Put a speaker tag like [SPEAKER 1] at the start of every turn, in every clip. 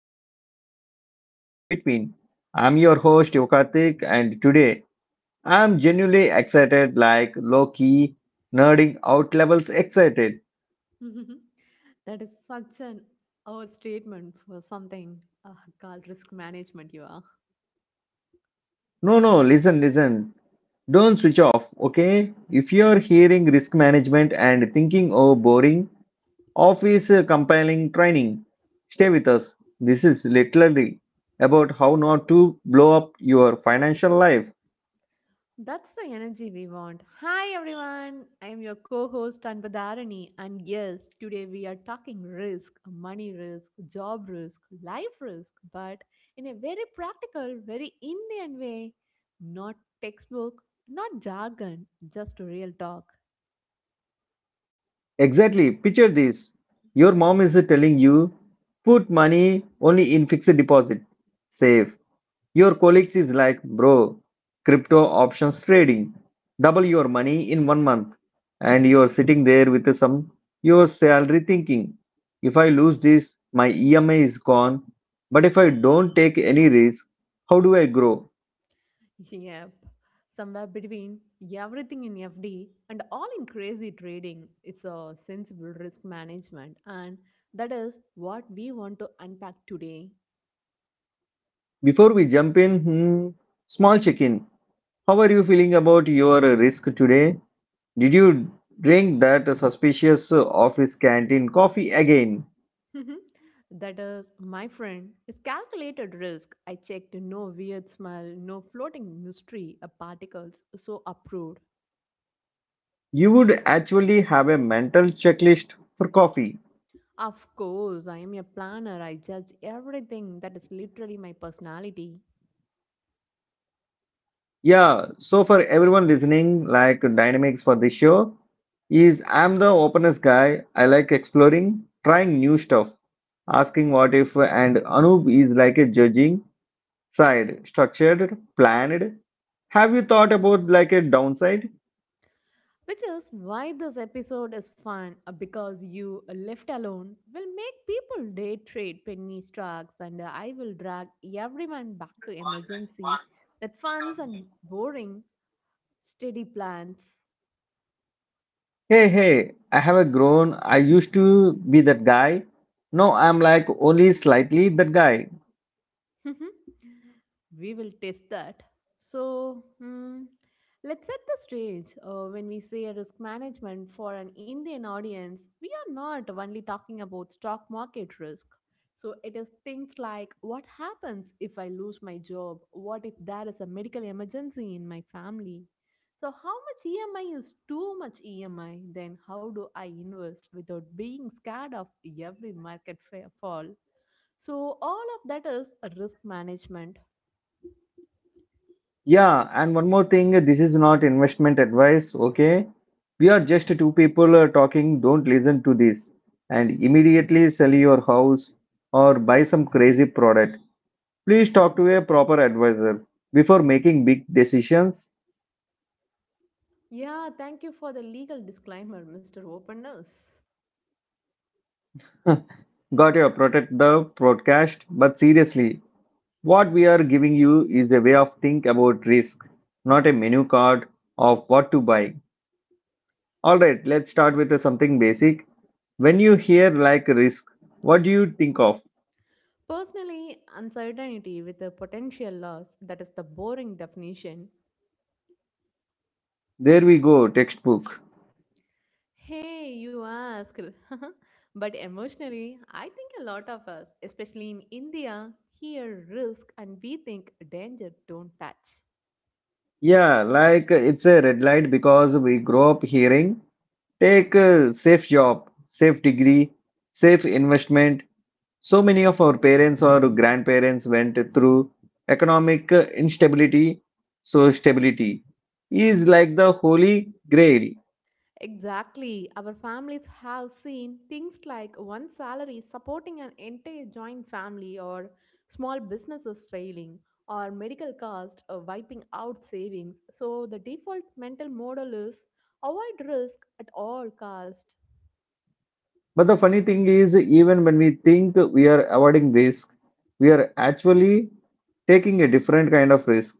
[SPEAKER 1] and all the messy stuff in between. I'm your host Yokatik, and today I'm genuinely excited, like low key, nerding out levels excited.
[SPEAKER 2] That is such an old statement for something uh, called risk management. You are.
[SPEAKER 1] No, no, listen, listen. Don't switch off, okay? If you're hearing risk management and thinking, oh, boring, office compiling training. Stay with us. This is literally about how not to blow up your financial life.
[SPEAKER 2] That's the energy we want. Hi everyone, I am your co-host Anbadharani, and yes, today we are talking risk, money risk, job risk, life risk, but in a very practical, very Indian way. Not textbook, not jargon, just real talk.
[SPEAKER 1] Exactly. Picture this. Your mom is telling you put money only in fixed deposit, save, your colleagues is like, bro, crypto options trading, double your money in 1 month, and you're sitting there with some your salary thinking, if I lose this, my EMI is gone. But if I don't take any risk, how do I grow?
[SPEAKER 2] Yep. Somewhere between everything in FD and all in crazy trading, it's a sensible risk management, and that is what we want to unpack today.
[SPEAKER 1] Before we jump in, hmm, small check-in. How are you feeling about your risk today? Did you drink that suspicious office canteen coffee again?
[SPEAKER 2] Mhm. That is, my friend, is calculated risk. I checked, no weird smell, no floating mystery particles, so approved.
[SPEAKER 1] You would actually have a mental checklist for coffee.
[SPEAKER 2] Of course, I am a planner. I judge everything. That is literally my personality.
[SPEAKER 1] Yeah, so for everyone listening, like dynamics for this show is I'm the openness guy. I like exploring, trying new stuff, asking what if, and Anoop is like a judging side, structured, planned. Have you thought about like a downside?
[SPEAKER 2] Which is why this episode is fun because you, left alone, will make people day trade penny stocks, and I will drag everyone back to emergency that funds and boring, steady plans.
[SPEAKER 1] Hey, hey, I have a grown. I used to be that guy. No, I'm like only slightly that guy.
[SPEAKER 2] Mhm. We will test that. So, let's set the stage. When we say risk management for an Indian audience, we are not only talking about stock market risk. So, it is things like, what happens if I lose my job? What if there is a medical emergency in my family? So, how much EMI is too much EMI? Then, how do I invest without being scared of every fall? So, all of that is a risk management.
[SPEAKER 1] Yeah, and one more thing, this is not investment advice, okay? We are just two people talking, don't listen to this and immediately sell your house or buy some crazy product. Please talk to a proper advisor before making big decisions.
[SPEAKER 2] Yeah, thank you for the legal disclaimer, Mr. Openness.
[SPEAKER 1] Got your protect the broadcast, but seriously, what we are giving you is a way of think about risk, not a menu card of what to buy. All right, let's start with something basic. When you hear like risk, what do you think of?
[SPEAKER 2] Personally, uncertainty with a potential loss, that is the boring definition.
[SPEAKER 1] There we go, textbook.
[SPEAKER 2] Hey, you asked. But emotionally, I think a lot of us, especially in India, hear risk and we think danger, don't touch.
[SPEAKER 1] Yeah, like it's a red light because we grow up hearing take a safe job, safe degree, safe investment. So many of our parents or grandparents went through economic instability, so stability is like the holy grail.
[SPEAKER 2] Exactly. Our families have seen things like one salary supporting an entire joint family, or small businesses failing, or medical costs wiping out savings. So the default mental model is avoid risk at all cost.
[SPEAKER 1] But the funny thing is, even when we think we are avoiding risk, we are actually taking a different kind of risk.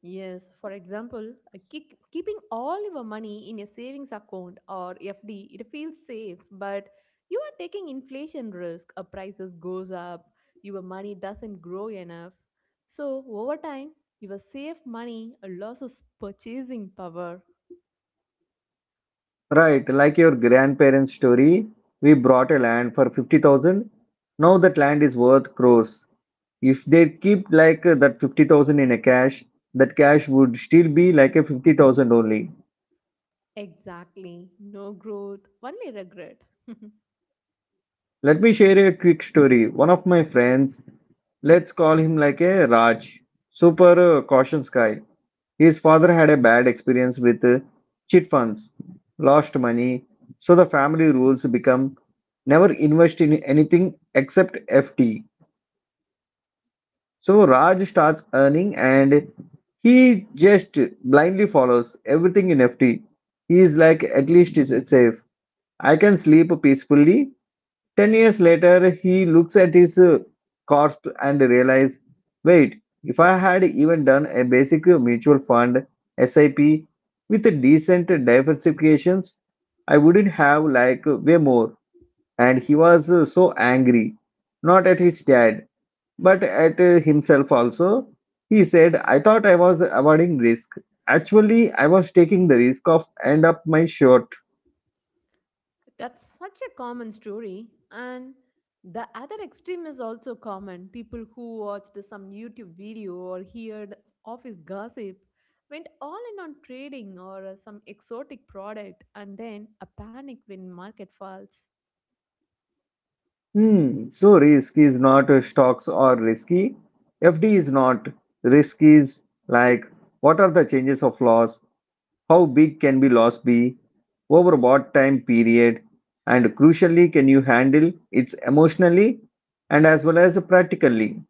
[SPEAKER 2] Yes, for example, a kick, keeping all your money in a savings account or FD, it feels safe, but you are taking inflation risk. A prices goes up, your money doesn't grow enough. So over time, your safe money loses purchasing power.
[SPEAKER 1] Right, like your grandparents' story, we bought a land for 50,000. Now that land is worth crores. If they keep like that 50,000 in a cash, that cash would still be like a 50,000 only.
[SPEAKER 2] Exactly. No growth, only regret.
[SPEAKER 1] Let me share a quick story. One of my friends, let's call him like a Raj, super cautious guy. His father had a bad experience with chit funds, lost money, so the family rules become never invest in anything except FT. So Raj starts earning and he just blindly follows everything in FT. He is like, at least it's safe. I can sleep peacefully. 10 years later, he looks at his corpse and realizes, wait, if I had even done a basic mutual fund SIP with a decent diversifications, I wouldn't have like way more. And he was so angry, not at his dad, but at himself also. He said, I thought I was avoiding risk. Actually, I was taking the risk of end up my short.
[SPEAKER 2] That's such a common story. And the other extreme is also common. People who watched some YouTube video or heard office gossip went all in on trading or some exotic product and then a panic when market falls.
[SPEAKER 1] Hmm, so risk is not stocks or risky. FD is not. Risk is like what are the changes of loss? How big can be loss be? Over what time period? And crucially, can you handle it emotionally and as well as practically?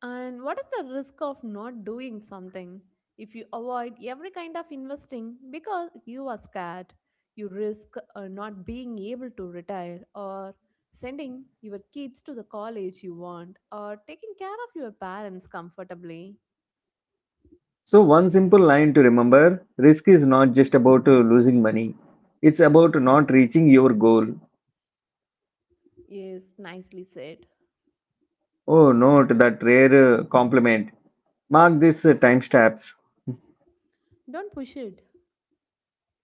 [SPEAKER 2] And what is the risk of not doing something? If you avoid every kind of investing because you are scared, you risk not being able to retire, or sending your kids to the college you want, or taking care of your parents comfortably.
[SPEAKER 1] So, one simple line to remember risk is not just about losing money, it's about not reaching your goal.
[SPEAKER 2] Yes, nicely said.
[SPEAKER 1] Oh, note that rare compliment. Mark this timestamps.
[SPEAKER 2] Don't push it.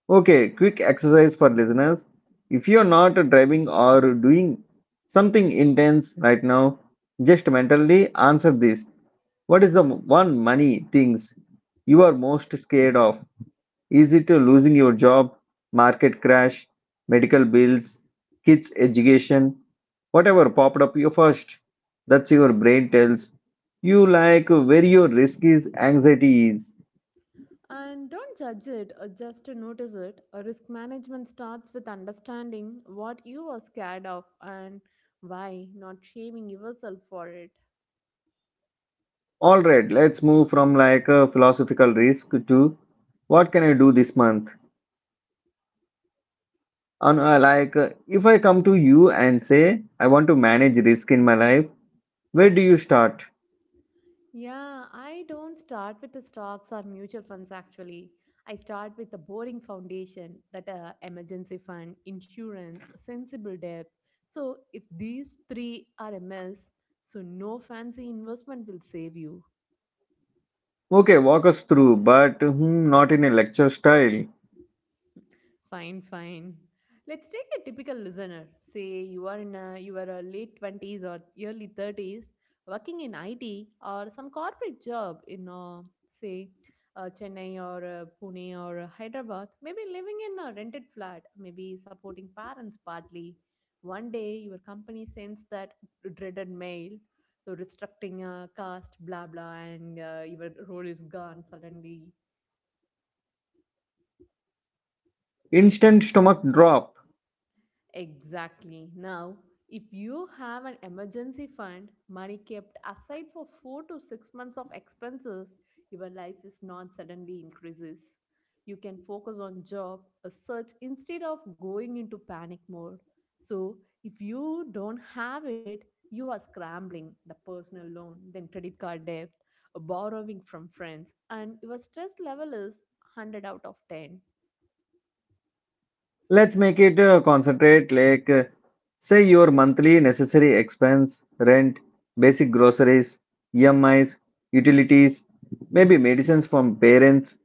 [SPEAKER 1] Okay, quick exercise for listeners. If you're not driving or doing something intense right now, just mentally answer this. What is the one money things you are most scared of? Is it a losing your job, market crash, medical bills, kids' education, whatever popped up you first? That's your brain tells you like where your risk is, anxiety is.
[SPEAKER 2] And don't judge it, just to notice it. A risk management starts with understanding what you are scared of and why, not shaming yourself for it.
[SPEAKER 1] All right, let's move from like a philosophical risk to what can I do this month? And like if I come to you and say I want to manage risk in my life, where do you start?
[SPEAKER 2] Yeah, I don't start with the stocks or mutual funds actually. I start with the boring foundation that emergency fund, insurance, sensible debt. So if these three are a mess, so no fancy investment will save you.
[SPEAKER 1] Okay, walk us through, but hmm, not in a lecture style.
[SPEAKER 2] Fine, fine. Let's take a typical listener. Say you are in a, you are a late twenties or early thirties, working in IT or some corporate job in say Chennai or Pune or Hyderabad. Maybe living in a rented flat. Maybe supporting parents partly. One day your company sends that dreaded mail, so restricting caste, blah blah, and your role is gone suddenly.
[SPEAKER 1] Instant stomach drop.
[SPEAKER 2] Exactly. Now, if you have an emergency fund, money kept aside for 4 to 6 months of expenses, your life is not suddenly increases. You can focus on job a search instead of going into panic mode. So, if you don't have it, you are scrambling the personal loan, then credit card debt, borrowing from friends, and your stress level is 100 out of 10.
[SPEAKER 1] Let's make it concentrate like say your monthly necessary expense, rent, basic groceries, EMIs, utilities, maybe medicines from parents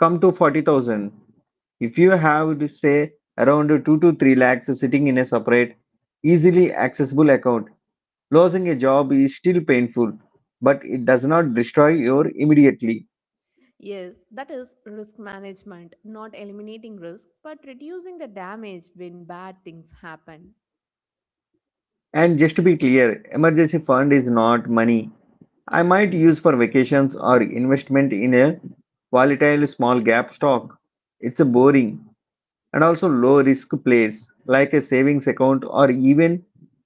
[SPEAKER 1] come to 40,000. If you have to say around 2 to 3 lakhs sitting in a separate, easily accessible account, losing a job is still painful, but it does not destroy your immediately.
[SPEAKER 2] Yes, that is risk management, not eliminating risk, but reducing the damage when bad things happen.
[SPEAKER 1] And just to be clear, emergency fund is not money I might use for vacations or investment in a volatile small gap stock. It's a boring and also low risk place like a savings account or even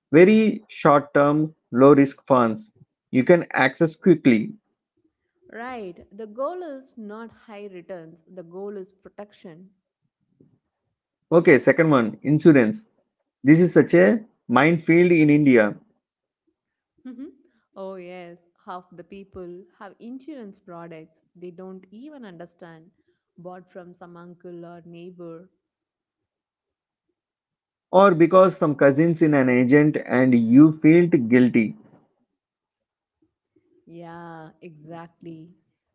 [SPEAKER 1] very short term low risk funds you can access quickly.
[SPEAKER 2] Right, the goal is not high returns, the goal is protection.
[SPEAKER 1] Okay, second one insurance. This is such a minefield in India
[SPEAKER 2] Mhm. Oh, yes, half the people have insurance products they don't even understand, bought from some uncle or neighbor.
[SPEAKER 1] or because some cousins in an agent and you feel guilty.
[SPEAKER 2] Yeah, exactly.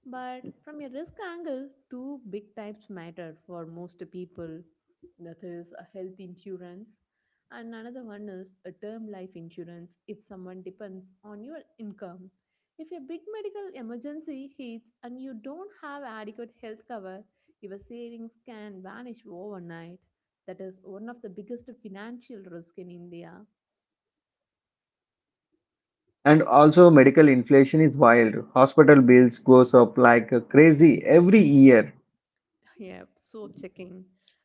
[SPEAKER 2] But from a risk angle, two big types matter for most people. That is a health insurance, and another one is a term life insurance if someone depends on your income. If a big medical emergency hits and you don't have adequate health cover, your savings can vanish overnight. That is one of the biggest financial risks in India.
[SPEAKER 1] And also medical inflation is wild. Hospital bills goes up like crazy every year.
[SPEAKER 2] Yep, so checking.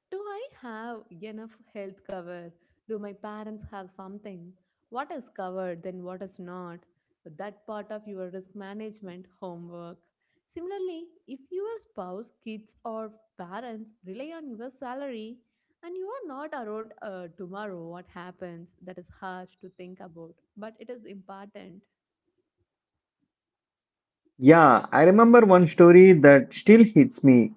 [SPEAKER 2] Do I have enough health cover? Do my parents have something? What is covered, then what is not? But that part of your risk management homework. Similarly, if your spouse, kids, or parents rely on your salary and you are not around tomorrow, what happens? That is harsh to think about, but it is important.
[SPEAKER 1] Yeah, I remember one story that still hits me.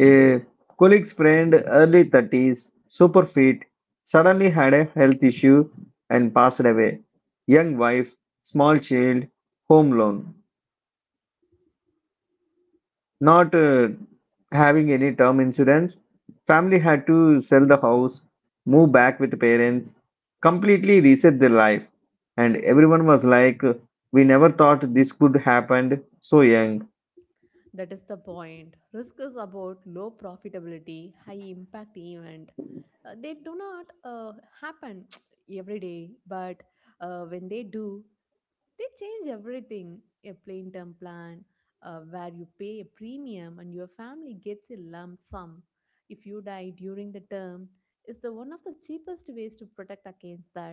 [SPEAKER 1] A colleague's friend, early 30s, super fit, suddenly had a health issue and passed away. Young wife, small child, home loan, not having any term insurance. Family had to sell the house, move back with parents, completely reset their life. And everyone was like, we never thought this could happen so young.
[SPEAKER 2] That is the point. Risk is about low profitability, high impact event. They do not happen every day, but when they do, they change everything. A plain term plan where you pay a premium and your family gets a lump sum if you die during the term is the one of the cheapest ways to protect against that.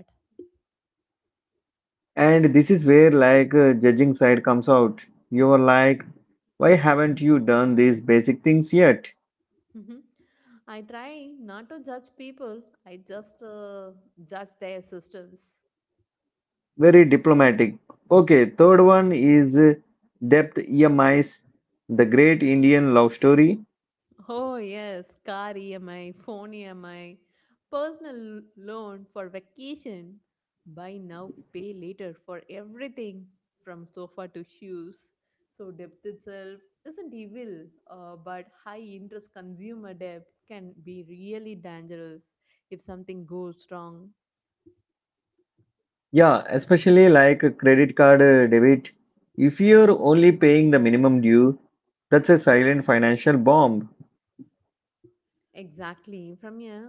[SPEAKER 1] And this is where like judging side comes out. You are like, why haven't you done these basic things yet?
[SPEAKER 2] Mhm. I try not to judge people. I just judge their systems.
[SPEAKER 1] Very diplomatic. Okay, third one is depth EMIs, the great Indian love story.
[SPEAKER 2] Oh, yes, car EMI, phone EMI, loan for vacation. Buy now, pay later for everything from sofa to shoes. So, debt itself isn't evil, but high interest consumer debt can be really dangerous if something goes wrong.
[SPEAKER 1] Yeah, especially like a credit card debit. If you're only paying the minimum due, that's a silent financial bomb.
[SPEAKER 2] Exactly. From a,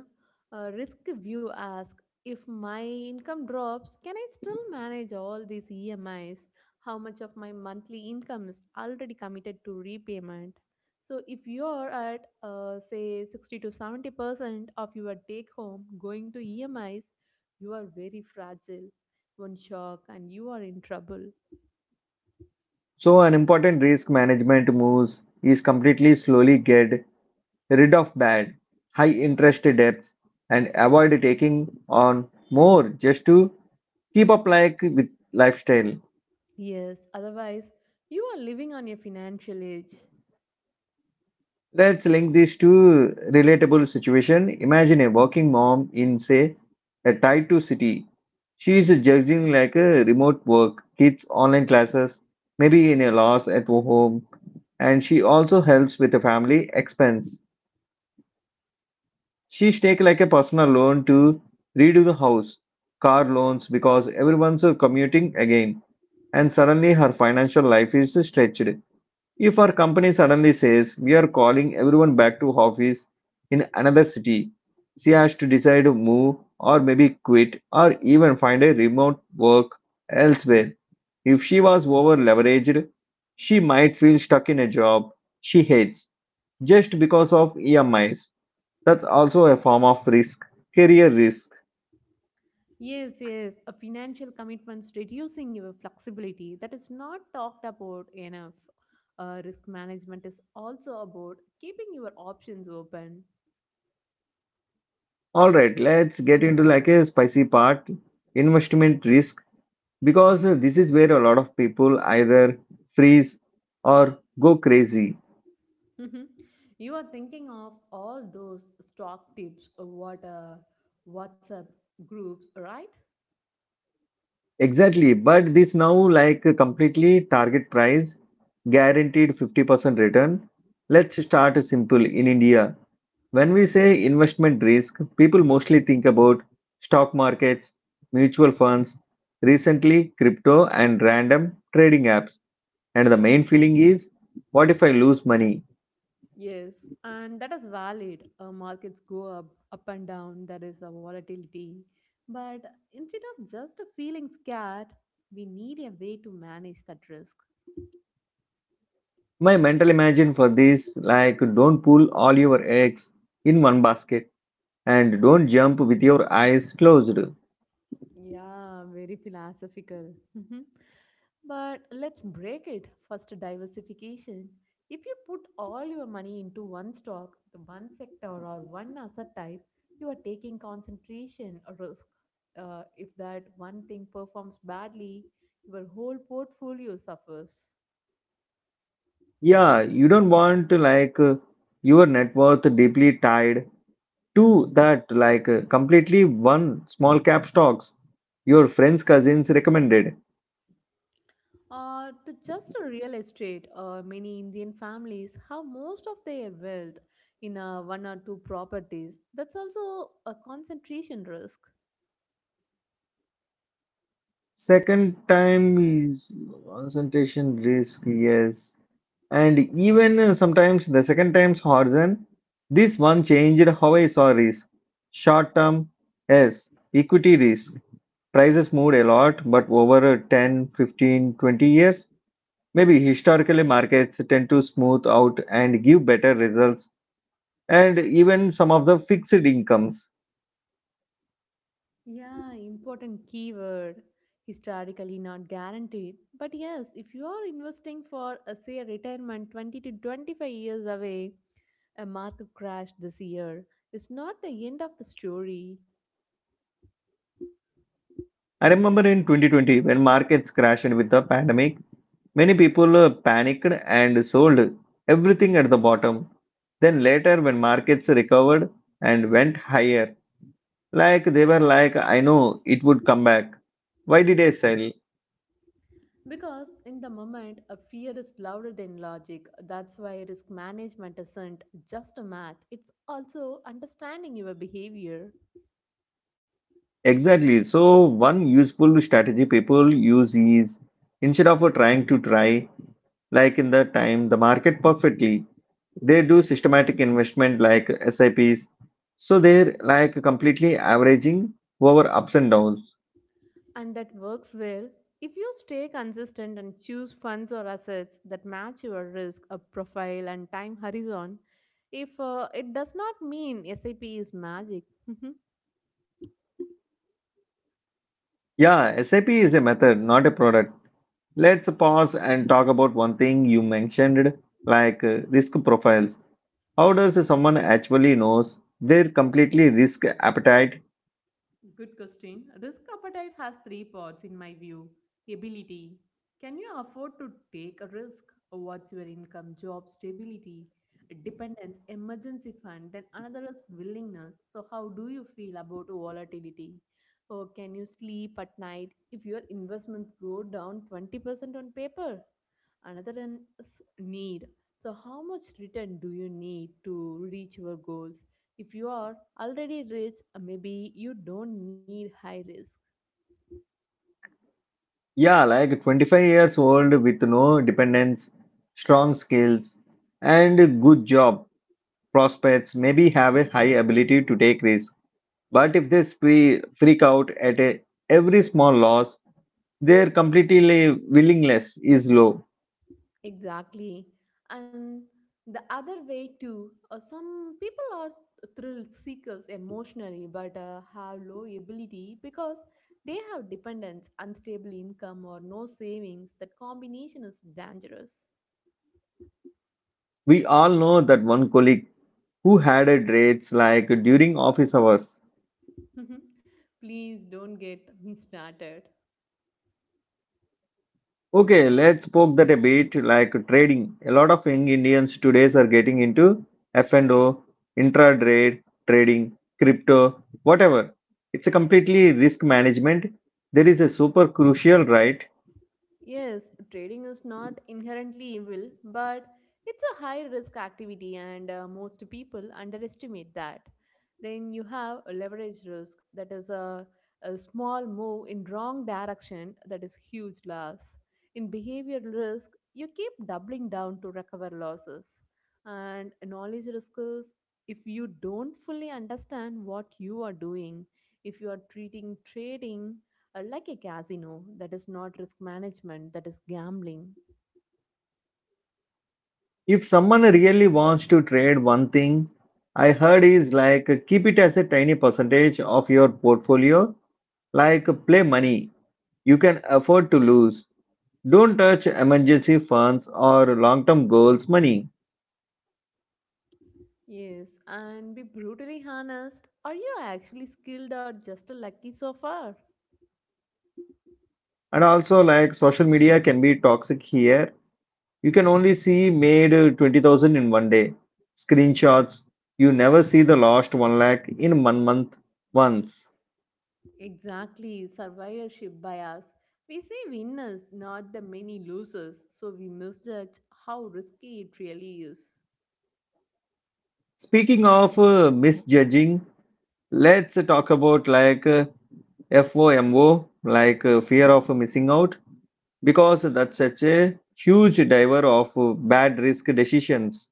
[SPEAKER 2] a risk view, ask if my income drops, can I still manage all these EMIs? How much of my monthly income is already committed to repayment? So, if you're at say 60 to 70% of your take home going to EMIs, you are very fragile, one shock, and you are in trouble.
[SPEAKER 1] So an important risk management moves is completely slowly get rid of bad, high interest debts and avoid taking on more just to keep up like with lifestyle.
[SPEAKER 2] Yes, otherwise, you are living on your financial edge.
[SPEAKER 1] Let's link this to relatable situation. Imagine a working mom in say a tied to city. She is judging like a remote work, kids online classes, maybe in a loss at home, and she also helps with the family expense. She take like a personal loan to redo the house, car loans because everyone's commuting again, and suddenly her financial life is stretched. If her company suddenly says we are calling everyone back to office in another city, she has to decide to move or maybe quit or even find a remote work elsewhere. If she was over-leveraged, she might feel stuck in a job she hates just because of EMIs. That's also a form of risk, career risk.
[SPEAKER 2] Yes, yes, a financial commitments reducing your flexibility, that is not talked about enough. Risk management is also about keeping your options open.
[SPEAKER 1] All right, let's get into like a spicy part, investment risk, because this is where a lot of people either freeze or go crazy.
[SPEAKER 2] You are thinking of all those stock tips, WhatsApp groups, right?
[SPEAKER 1] Exactly, but this now like a completely target price, guaranteed 50% return. Let's start simple in India. When we say investment risk, people mostly think about stock markets, mutual funds, recently crypto and random trading apps. And the main feeling is, what if I lose money?
[SPEAKER 2] Yes, and that is valid. Markets go up and down. That is a volatility. But instead of just feeling scared, we need a way to manage that risk.
[SPEAKER 1] My mental imagine for this like don't pull all your eggs in one basket and don't jump with your eyes closed.
[SPEAKER 2] Yeah, very philosophical. Mhm. But let's break it. First, diversification. If you put all your money into one stock, the one sector, or one asset type, you are taking concentration or risk. If that one thing performs badly, your whole portfolio suffers.
[SPEAKER 1] Yeah, you don't want like your net worth deeply tied to that like completely one small cap stocks your friends cousins recommended.
[SPEAKER 2] To just a real estate, many Indian families have most of their wealth in one or two properties. That's also a concentration risk.
[SPEAKER 1] Second time is concentration risk, yes. And even sometimes the second time's horizon, this one changed how I saw risk. Short term, yes, equity risk. Prices moved a lot, but over 10, 15, 20 years. Maybe historically markets tend to smooth out and give better results and even some of the fixed incomes.
[SPEAKER 2] Yeah, important keyword. Historically not guaranteed. But yes, if you are investing for, say, a retirement 20 to 25 years away, a market crash this year is not the end of the story.
[SPEAKER 1] I remember in 2020 when markets crashed with the pandemic, many people panicked and sold everything at the bottom. Then later when markets recovered and went higher, like they were like, I know it would come back. Why did I sell?
[SPEAKER 2] Because in the moment, a fear is louder than logic. That's why risk management isn't just a math, it's also understanding your behavior.
[SPEAKER 1] Exactly. So one useful strategy people use is instead of trying to try like in the time the market perfectly, they do systematic investment like SIPs. So they're like completely averaging over ups and downs.
[SPEAKER 2] And that works well if you stay consistent and choose funds or assets that match your risk profile and time horizon. If it does not mean SIP is magic.
[SPEAKER 1] Yeah, SIP is a method, not a product. Let's pause and talk about one thing you mentioned, like risk profiles. How does someone actually knows their completely risk appetite?
[SPEAKER 2] Good question. Risk appetite has three parts in my view. Ability. Can you afford to take a risk? What's your income, job stability, dependence, emergency fund? Then another is willingness. So, how do you feel about volatility? Or can you sleep at night if your investments go down 20% on paper? Another one is need. So, how much return do you need to reach your goals? If you are already rich, maybe you don't need high risk.
[SPEAKER 1] Yeah, like 25 years old with no dependents, strong skills, and a good job prospects maybe have a high ability to take risks. But if they freak out at a, every small loss, their completely willingness is low.
[SPEAKER 2] Exactly. And the other way too, some people are thrill seekers emotionally but have low ability because they have dependence, unstable income, or no savings. That combination is dangerous.
[SPEAKER 1] We all know that one colleague who had a rates like during office hours.
[SPEAKER 2] Please don't get me started.
[SPEAKER 1] Okay, let's poke that a bit like trading. A lot of young Indians today are getting into F&O, intraday trading, crypto, whatever. It's a completely risk management. There is a super crucial right.
[SPEAKER 2] Yes, trading is not inherently evil, but it's a high risk activity, and most people underestimate that. Then you have a leverage risk, that is a small move in wrong direction, that is huge loss. In behavioral risk, you keep doubling down to recover losses. And knowledge risk is, if you don't fully understand what you are doing, if you are treating trading like a casino, that is not risk management, that is gambling.
[SPEAKER 1] If someone really wants to trade one thing, I heard is like keep it as a tiny percentage of your portfolio, like play money. You can afford to lose. Don't touch emergency funds or long term goals money.
[SPEAKER 2] Yes, and be brutally honest, are you actually skilled or just a lucky so far.
[SPEAKER 1] And also, like social media can be toxic here. You can only see made 20,000 in one day. Screenshots. You never see the last 1 lakh in one month once.
[SPEAKER 2] Exactly, survivorship bias, we see winners not the many losers, so we misjudge how risky it really is.
[SPEAKER 1] Speaking of misjudging, let's talk about like FOMO, like fear of missing out, because that's such a huge driver of bad risk decisions.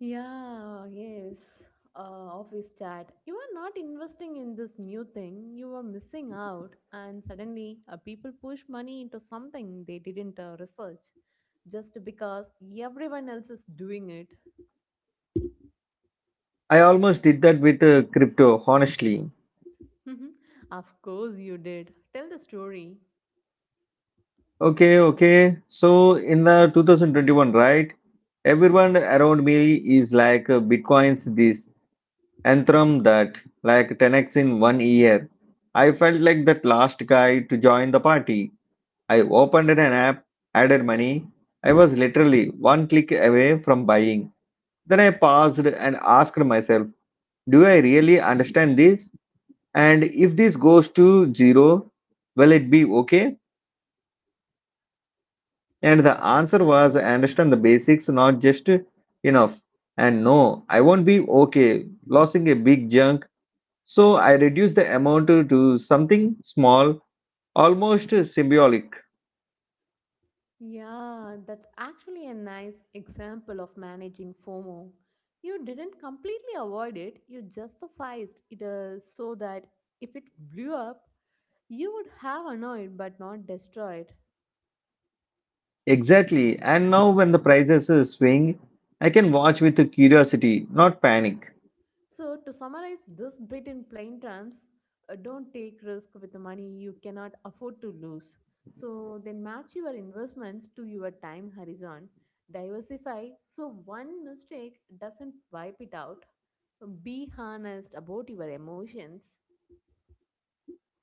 [SPEAKER 2] Yeah, yes. Office chat. You are not investing in this new thing. You are missing out, and suddenly people push money into something they didn't research just because everyone else is doing it.
[SPEAKER 1] I almost did that with crypto, honestly.
[SPEAKER 2] Of course, you did. Tell the story.
[SPEAKER 1] Okay, okay. So in the 2021, right? Everyone around me is like Bitcoin's this, Anthem that, like 10x in one year. I felt like that last guy to join the party. I opened an app, added money. I was literally one click away from buying. Then I paused and asked myself, do I really understand this? And if this goes to zero, will it be okay? And the answer was, I understand the basics, not just enough. And no, I won't be okay losing a big chunk. So I reduced the amount to something small, almost symbolic.
[SPEAKER 2] Yeah, that's actually a nice example of managing FOMO. You didn't completely avoid it, you just sized it so that if it blew up, you would have annoyed but not destroyed.
[SPEAKER 1] Exactly. And now, when the prices swing, I can watch with curiosity, not panic.
[SPEAKER 2] So, to summarize this bit in plain terms, don't take risk with the money you cannot afford to lose. So, then match your investments to your time horizon. Diversify so one mistake doesn't wipe it out. Be honest about your emotions.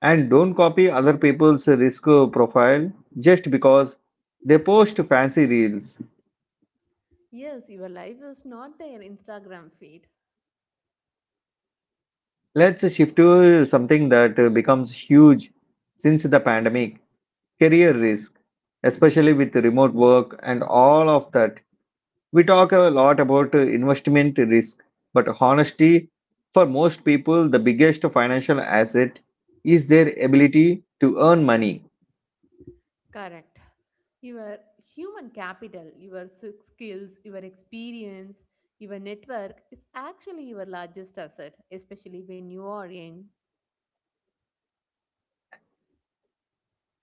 [SPEAKER 1] And don't copy other people's risk profile just because they post fancy reels.
[SPEAKER 2] Yes, your life is not their Instagram feed.
[SPEAKER 1] Let's shift to something that becomes huge since the pandemic. Career risk, especially with remote work and all of that. We talk a lot about investment risk, but honestly, for most people, the biggest financial asset is their ability to earn money.
[SPEAKER 2] Correct. Your human capital, your skills, your experience, your network is actually your largest asset, especially when you are young.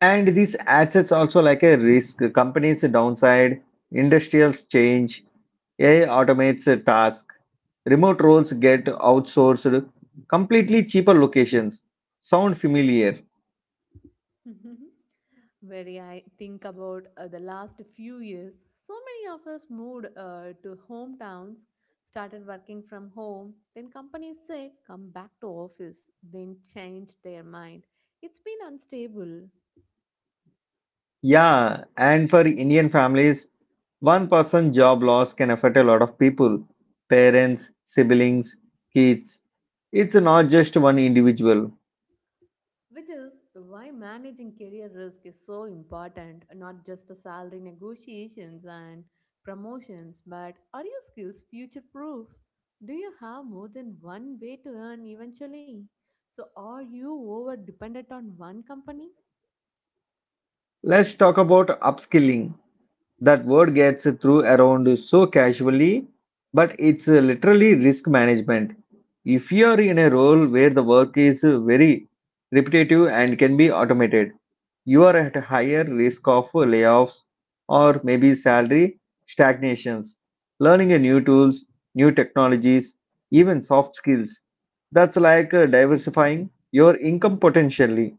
[SPEAKER 1] And these assets also like a risk. Companies downside, industrials change, AI automates a task, remote roles get outsourced, completely cheaper locations. Sound familiar?
[SPEAKER 2] Very, I think about the last few years, so many of us moved to hometowns, started working from home, then companies said, come back to office, then changed their mind. It's been unstable.
[SPEAKER 1] Yeah, and for Indian families, one person job loss can affect a lot of people, parents, siblings, kids. It's not just one individual.
[SPEAKER 2] Which is why managing career risk is so important, not just to salary negotiations and promotions, but are your skills future proof? Do you have more than one way to earn eventually? So, are you over dependent on one company?
[SPEAKER 1] Let's talk about upskilling. That word gets through around so casually, but it's literally risk management. If you are in a role where the work is very repetitive and can be automated, you are at a higher risk of layoffs or maybe salary stagnations. Learning a new tools, new technologies, even soft skills. That's like diversifying your income potentially.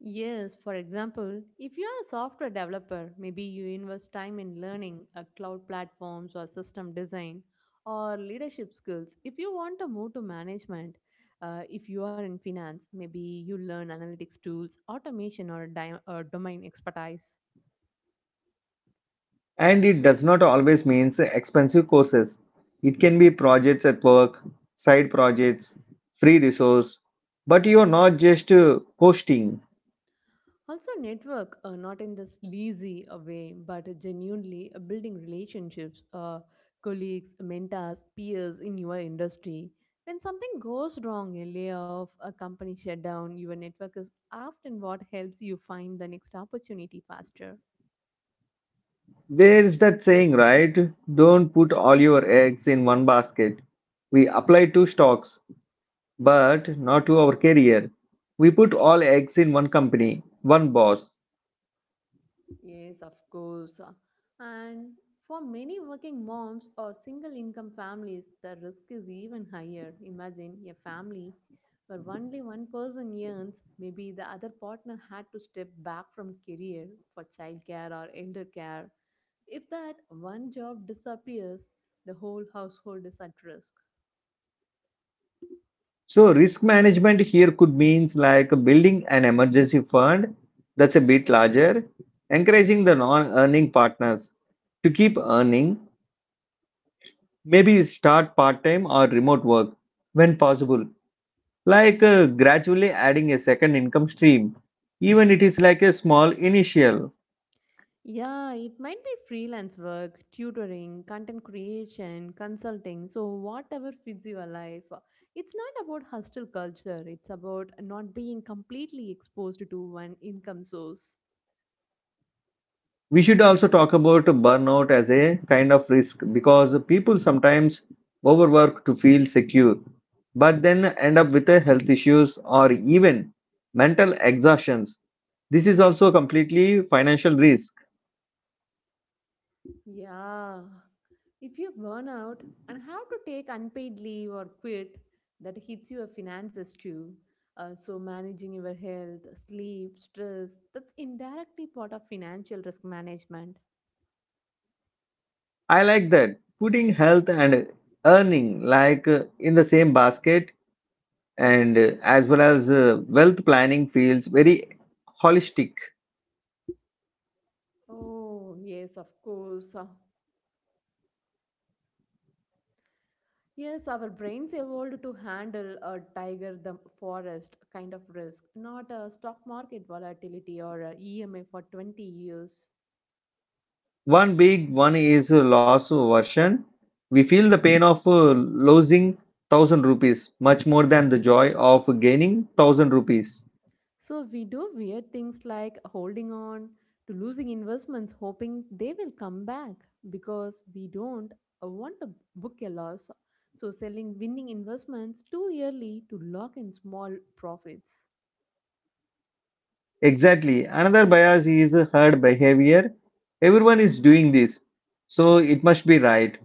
[SPEAKER 2] Yes, for example, if you are a software developer, maybe you invest time in learning cloud platforms or system design or leadership skills. If you want to move to management, if you are in finance, maybe you learn analytics tools, automation, or, or domain expertise.
[SPEAKER 1] And it does not always means expensive courses. It can be projects at work, side projects, free resource. But you are not just coasting.
[SPEAKER 2] Also, network, not in this lazy way, but genuinely building relationships, colleagues, mentors, peers in your industry. When something goes wrong, a layoff, a company shutdown, your network is often what helps you find the next opportunity faster.
[SPEAKER 1] There's that saying, right? Don't put all your eggs in one basket. We apply to stocks, but not to our career. We put all eggs in one company, one boss.
[SPEAKER 2] Yes, of course. And for many working moms or single income families, the risk is even higher. Imagine a family where only one person earns, maybe the other partner had to step back from career for childcare or elder care. If that one job disappears, the whole household is at risk.
[SPEAKER 1] So risk management here could means like building an emergency fund that's a bit larger, encouraging the non-earning partners to keep earning, maybe start part-time or remote work when possible, like gradually adding a second income stream even it is like a small initial.
[SPEAKER 2] Yeah, it might be freelance work, tutoring, content creation, consulting, so whatever fits your life. It's not about hostile culture, it's about not being completely exposed to one income source.
[SPEAKER 1] We should also talk about burnout as a kind of risk because people sometimes overwork to feel secure but then end up with a health issues or even mental exhaustions. This is also completely financial risk.
[SPEAKER 2] Yeah. If you burn out and have to take unpaid leave or quit, that hits your finances too. So, managing your health, sleep, stress, that's indirectly part of financial risk management.
[SPEAKER 1] I like that putting health and earning like in the same basket and as well as wealth planning feels very holistic.
[SPEAKER 2] Oh, yes, of course. Yes, our brains evolved to handle a tiger, the forest kind of risk, not a stock market volatility or a EMA for 20 years.
[SPEAKER 1] One big one is loss version. We feel the pain of losing thousand rupees much more than the joy of gaining thousand rupees.
[SPEAKER 2] So we do weird things like holding on to losing investments, hoping they will come back because we don't want to book a loss. So selling winning investments too early to lock in small profits.
[SPEAKER 1] Exactly. Another bias is herd behavior. Everyone is doing this, so it must be right.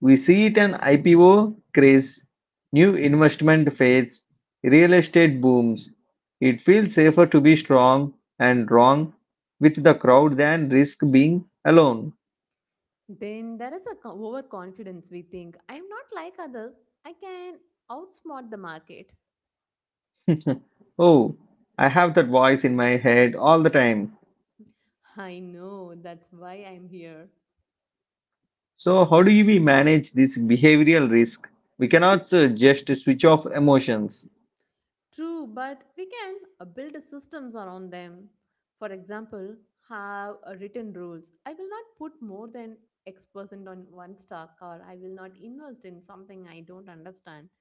[SPEAKER 1] We see it in IPO craze, new investment fades, real estate booms. It feels safer to be strong and wrong with the crowd than risk being alone.
[SPEAKER 2] Then there is a overconfidence we think I'm not like others, I can outsmart the market.
[SPEAKER 1] Oh, I have that voice in my head all the time.
[SPEAKER 2] I know that's why I'm here.
[SPEAKER 1] So, how do we manage this behavioral risk? We cannot just switch off emotions.
[SPEAKER 2] True, but we can build systems around them. For example, have written rules. I will not put more than X percent on one stock, or I will not invest in something I don't understand.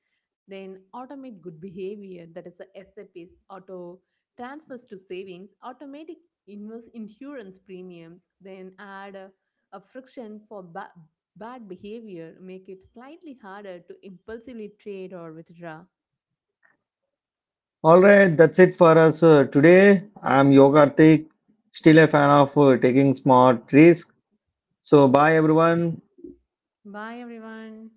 [SPEAKER 2] Then automate good behavior, that is, the SAPs, auto transfers to savings, automatic invest insurance premiums, then add a friction for bad behavior, make it slightly harder to impulsively trade or withdraw.
[SPEAKER 1] All right, that's it for us today. I'm Yogartik, still a fan of taking smart risks. So, bye everyone.
[SPEAKER 2] Bye, everyone.